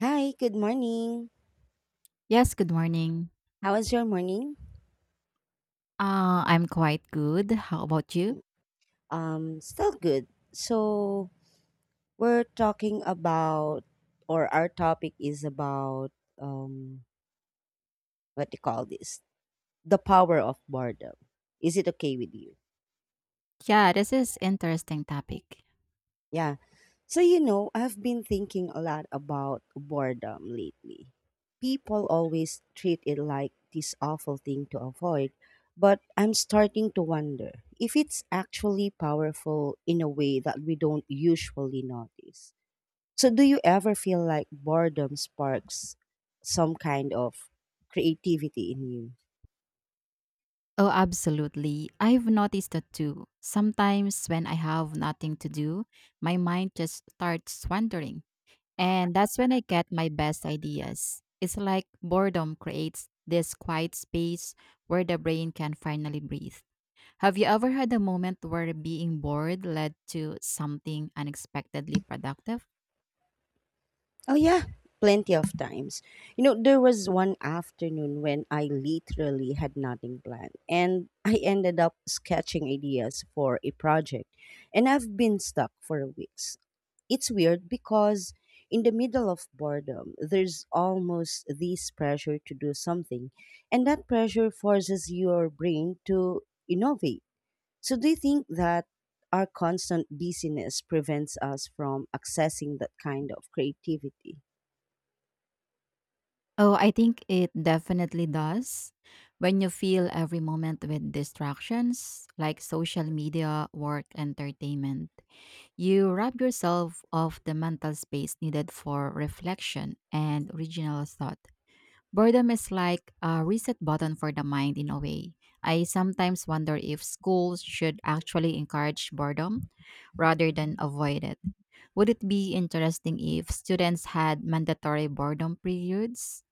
Hi, good morning. Yes, good morning. How was your morning? I'm quite good. How about you? Still good. So we're talking about, or our topic is about, um, what do you call this? The power of boredom. Is it okay with you? Yeah, this is interesting topic. Yeah. So, you know, I've been thinking a lot about boredom lately. People always treat it like this awful thing to avoid, but I'm starting to wonder if it's actually powerful in a way that we don't usually notice. So, do you ever feel like boredom sparks some kind of creativity in you? Oh, absolutely. I've noticed that too. Sometimes when I have nothing to do, my mind just starts wandering, and that's when I get my best ideas. It's like boredom creates this quiet space where the brain can finally breathe. Have you ever had a moment where being bored led to something unexpectedly productive? Oh yeah, plenty of times. You know, there was one afternoon when I literally had nothing planned and I ended up sketching ideas for a project and I've been stuck for weeks. It's weird because in the middle of boredom, there's almost this pressure to do something and that pressure forces your brain to innovate. So do you think that our constant busyness prevents us from accessing that kind of creativity? Oh, I think it definitely does. When you fill every moment with distractions like social media, work, entertainment, you rob yourself of the mental space needed for reflection and original thought. Boredom is like a reset button for the mind in a way. I sometimes wonder if schools should actually encourage boredom rather than avoid it. Would it be interesting if students had mandatory boredom periods?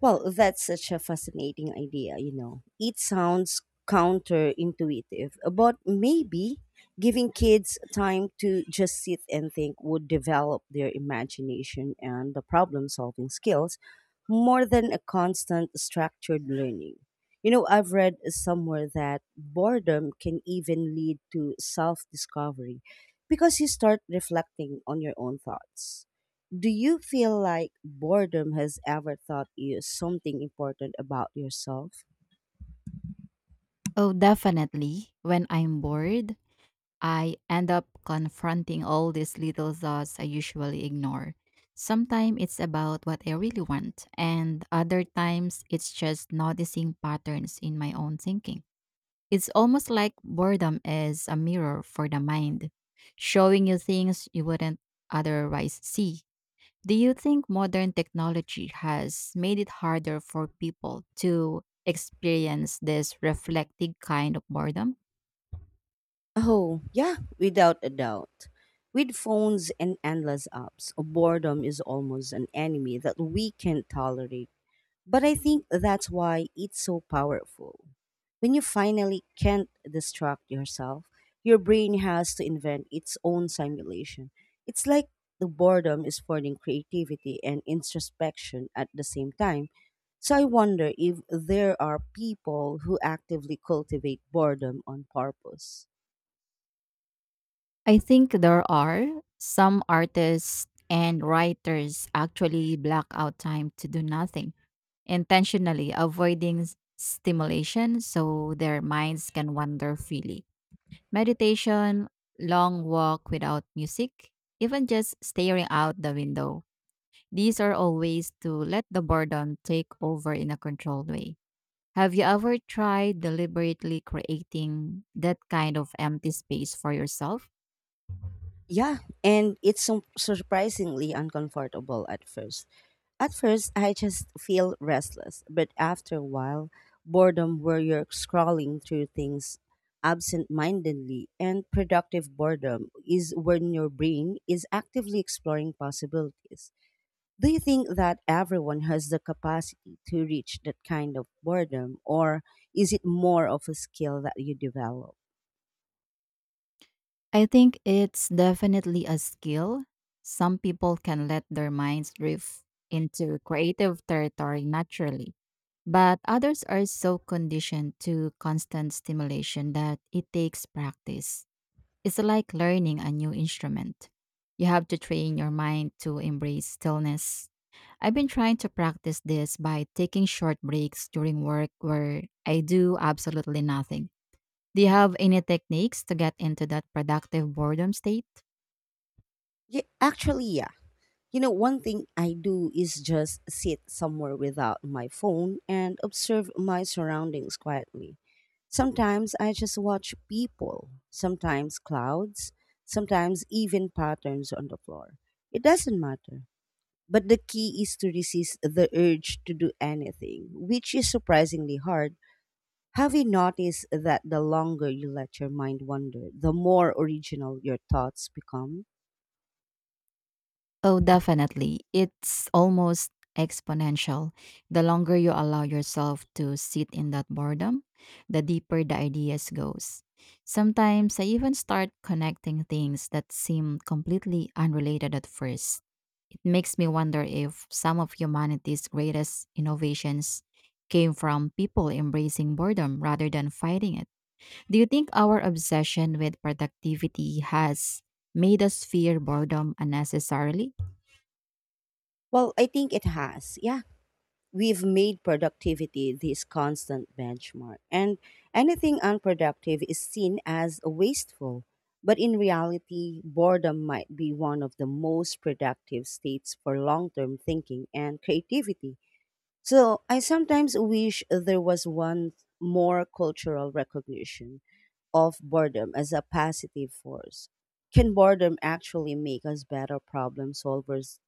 Well, that's such a fascinating idea, you know. It sounds counterintuitive, but maybe giving kids time to just sit and think would develop their imagination and the problem solving skills more than a constant structured learning. You know, I've read somewhere that boredom can even lead to self discovery because you start reflecting on your own thoughts. Do you feel like boredom has ever taught you something important about yourself? Oh, definitely. When I'm bored, I end up confronting all these little thoughts I usually ignore. Sometimes it's about what I really want, and other times it's just noticing patterns in my own thinking. It's almost like boredom is a mirror for the mind, showing you things you wouldn't otherwise see. Do you think modern technology has made it harder for people to experience this reflective kind of boredom? Oh, yeah, without a doubt. With phones and endless apps, boredom is almost an enemy that we can tolerate. But I think that's why it's so powerful. When you finally can't distract yourself, your brain has to invent its own simulation. It's like the boredom is forcing creativity and introspection at the same time. So I wonder if there are people who actively cultivate boredom on purpose. I think there are some artists and writers actually block out time to do nothing, intentionally avoiding stimulation so their minds can wander freely. Meditation, long walk without music, even just staring out the window. These are all ways to let the boredom take over in a controlled way. Have you ever tried deliberately creating that kind of empty space for yourself? Yeah, and it's surprisingly uncomfortable at first. At first, I just feel restless, but after a while, boredom where you're scrolling through things absent mindedly, and productive boredom is when your brain is actively exploring possibilities. Do you think that everyone has the capacity to reach that kind of boredom, or is it more of a skill that you develop? I think it's definitely a skill. Some people can let their minds drift into creative territory naturally, but others are so conditioned to constant stimulation that it takes practice. It's like learning a new instrument. You have to train your mind to embrace stillness. I've been trying to practice this by taking short breaks during work where I do absolutely nothing. Do you have any techniques to get into that productive boredom state? Actually, yeah. You know, one thing I do is just sit somewhere without my phone and observe my surroundings quietly. Sometimes I just watch people, sometimes clouds, sometimes even patterns on the floor. It doesn't matter. But the key is to resist the urge to do anything, which is surprisingly hard. Have you noticed that the longer you let your mind wander, the more original your thoughts become? Oh, definitely. It's almost exponential. The longer you allow yourself to sit in that boredom, the deeper the ideas goes. Sometimes I even start connecting things that seem completely unrelated at first. It makes me wonder if some of humanity's greatest innovations came from people embracing boredom rather than fighting it. Do you think our obsession with productivity has made us fear boredom unnecessarily? Well, I think it has. Yeah, we've made productivity this constant benchmark, and anything unproductive is seen as wasteful. But in reality, boredom might be one of the most productive states for long term thinking and creativity. So I sometimes wish there was one more cultural recognition of boredom as a positive force. Can boredom actually make us better problem solvers?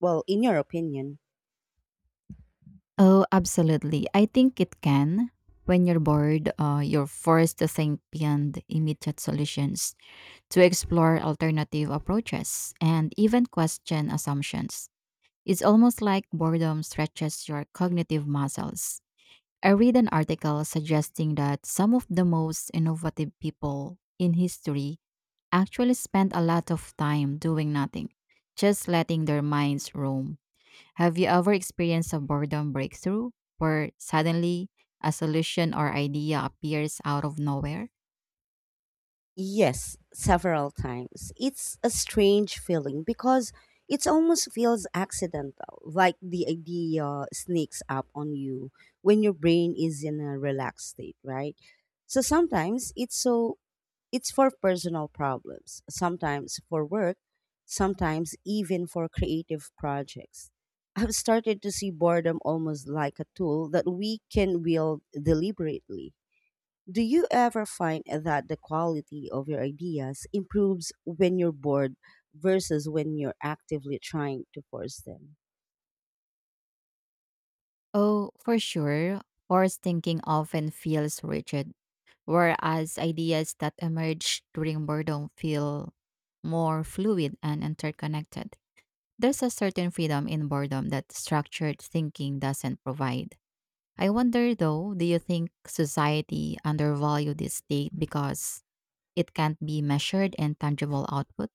Well, in your opinion, Oh, absolutely. I think it can. When you're bored, you're forced to think beyond immediate solutions, to explore alternative approaches, and even question assumptions. It's almost like boredom stretches your cognitive muscles. I read an article suggesting that some of the most innovative people in history actually spend a lot of time doing nothing, just letting their minds roam. Have you ever experienced a boredom breakthrough where suddenly a solution or idea appears out of nowhere? Yes, several times. It's a strange feeling because it almost feels accidental, like the idea sneaks up on you when your brain is in a relaxed state, right? So sometimes it's for personal problems, sometimes for work, sometimes even for creative projects. I've started to see boredom almost like a tool that we can wield deliberately. Do you ever find that the quality of your ideas improves when you're bored versus when you're actively trying to force them? Oh, for sure. Forced thinking often feels rigid, whereas ideas that emerge during boredom feel more fluid and interconnected. There's a certain freedom in boredom that structured thinking doesn't provide. I wonder though, do you think society undervalue this state because it can't be measured in tangible output?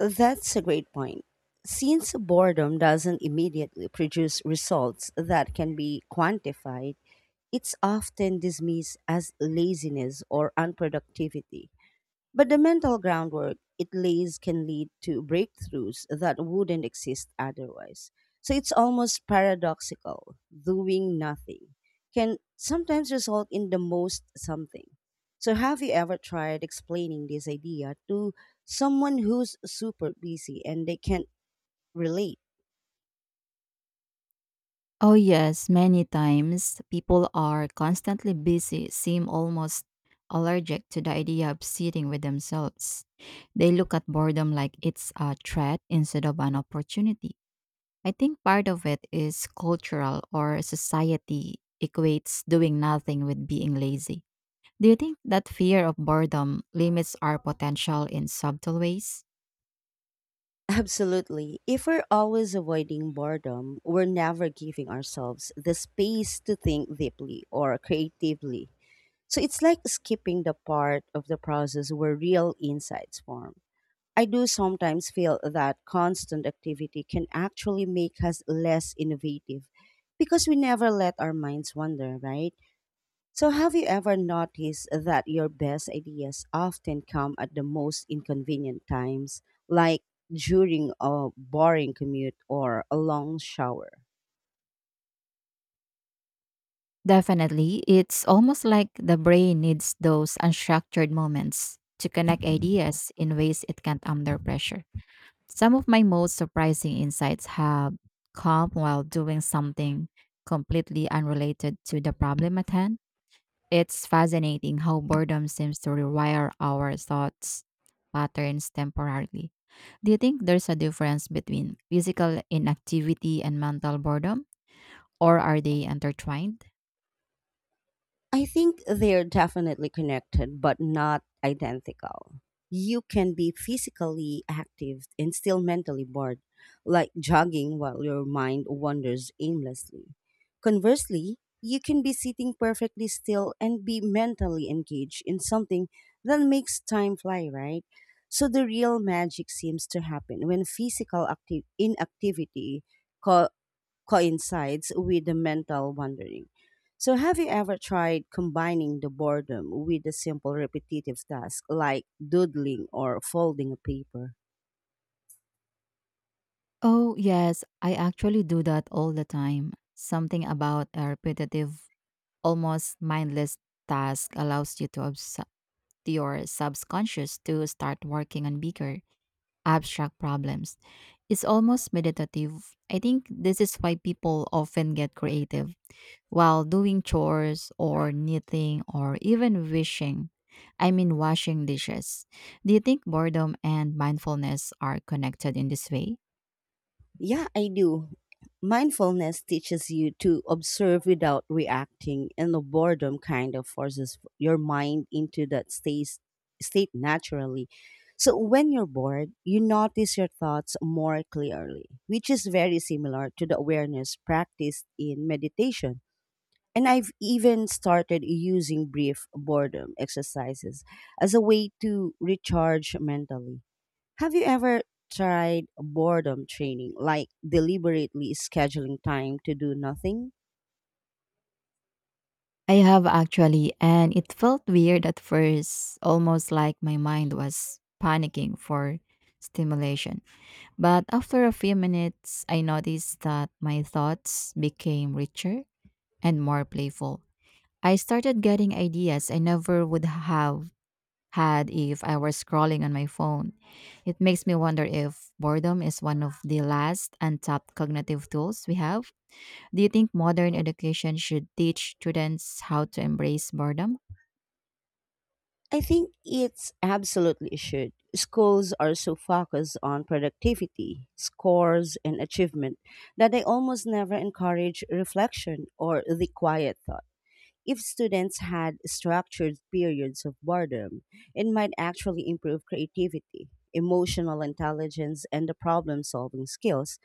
That's a great point. Since boredom doesn't immediately produce results that can be quantified, it's often dismissed as laziness or unproductivity. But the mental groundwork it lays can lead to breakthroughs that wouldn't exist otherwise. So it's almost paradoxical. Doing nothing can sometimes result in the most something. So have you ever tried explaining this idea to someone who's super busy and they can't relate? Oh yes, many times people are constantly busy, seem almost allergic to the idea of sitting with themselves. They look at boredom like it's a threat instead of an opportunity. I think part of it is cultural or society equates doing nothing with being lazy. Do you think that fear of boredom limits our potential in subtle ways? Absolutely. If we're always avoiding boredom, we're never giving ourselves the space to think deeply or creatively. So it's like skipping the part of the process where real insights form. I do sometimes feel that constant activity can actually make us less innovative because we never let our minds wander, right? So, have you ever noticed that your best ideas often come at the most inconvenient times, like during a boring commute or a long shower? Definitely. It's almost like the brain needs those unstructured moments to connect ideas in ways it can't under pressure. Some of my most surprising insights have come while doing something completely unrelated to the problem at hand. It's fascinating how boredom seems to rewire our thoughts patterns temporarily. Do you think there's a difference between physical inactivity and mental boredom, or are they intertwined? I think they're definitely connected, but not identical. You can be physically active and still mentally bored, like jogging while your mind wanders aimlessly. Conversely, you can be sitting perfectly still and be mentally engaged in something that makes time fly, right? So the real magic seems to happen when physical active inactivity coincides with the mental wandering. So, have you ever tried combining the boredom with a simple repetitive task like doodling or folding a paper? Oh, yes, I actually do that all the time. Something about a repetitive, almost mindless task allows you to, to your subconscious to start working on bigger abstract problems. It's almost meditative. I think this is why people often get creative while doing chores or knitting or even wishing. I mean, washing dishes. Do you think boredom and mindfulness are connected in this way? Yeah, I do. Mindfulness teaches you to observe without reacting, and the boredom kind of forces your mind into that state naturally. So, when you're bored, you notice your thoughts more clearly, which is very similar to the awareness practiced in meditation. And I've even started using brief boredom exercises as a way to recharge mentally. Have you ever tried boredom training, like deliberately scheduling time to do nothing? I have actually, and it felt weird at first, almost like my mind was panicking for stimulation. But after a few minutes, I noticed that my thoughts became richer and more playful. I started getting ideas I never would have had if I were scrolling on my phone. It makes me wonder if boredom is one of the last untapped cognitive tools we have. Do you think modern education should teach students how to embrace boredom? I think it's absolutely should. Schools are so focused on productivity, scores, and achievement that they almost never encourage reflection or the quiet thought. If students had structured periods of boredom, it might actually improve creativity, emotional intelligence, and the problem solving skills.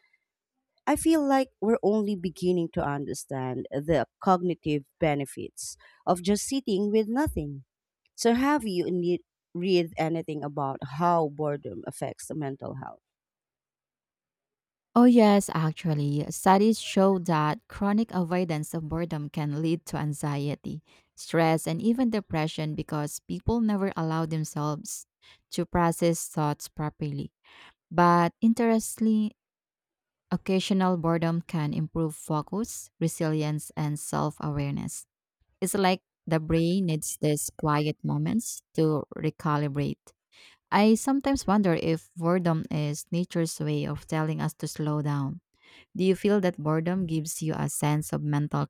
I feel like we're only beginning to understand the cognitive benefits of just sitting with nothing. So, have you read anything about how boredom affects the mental health? Oh, yes, actually. Studies show that chronic avoidance of boredom can lead to anxiety, stress, and even depression because people never allow themselves to process thoughts properly. But interestingly, occasional boredom can improve focus, resilience, and self awareness. It's like the brain needs these quiet moments to recalibrate. I sometimes wonder if boredom is nature's way of telling us to slow down. Do you feel that boredom gives you a sense of mental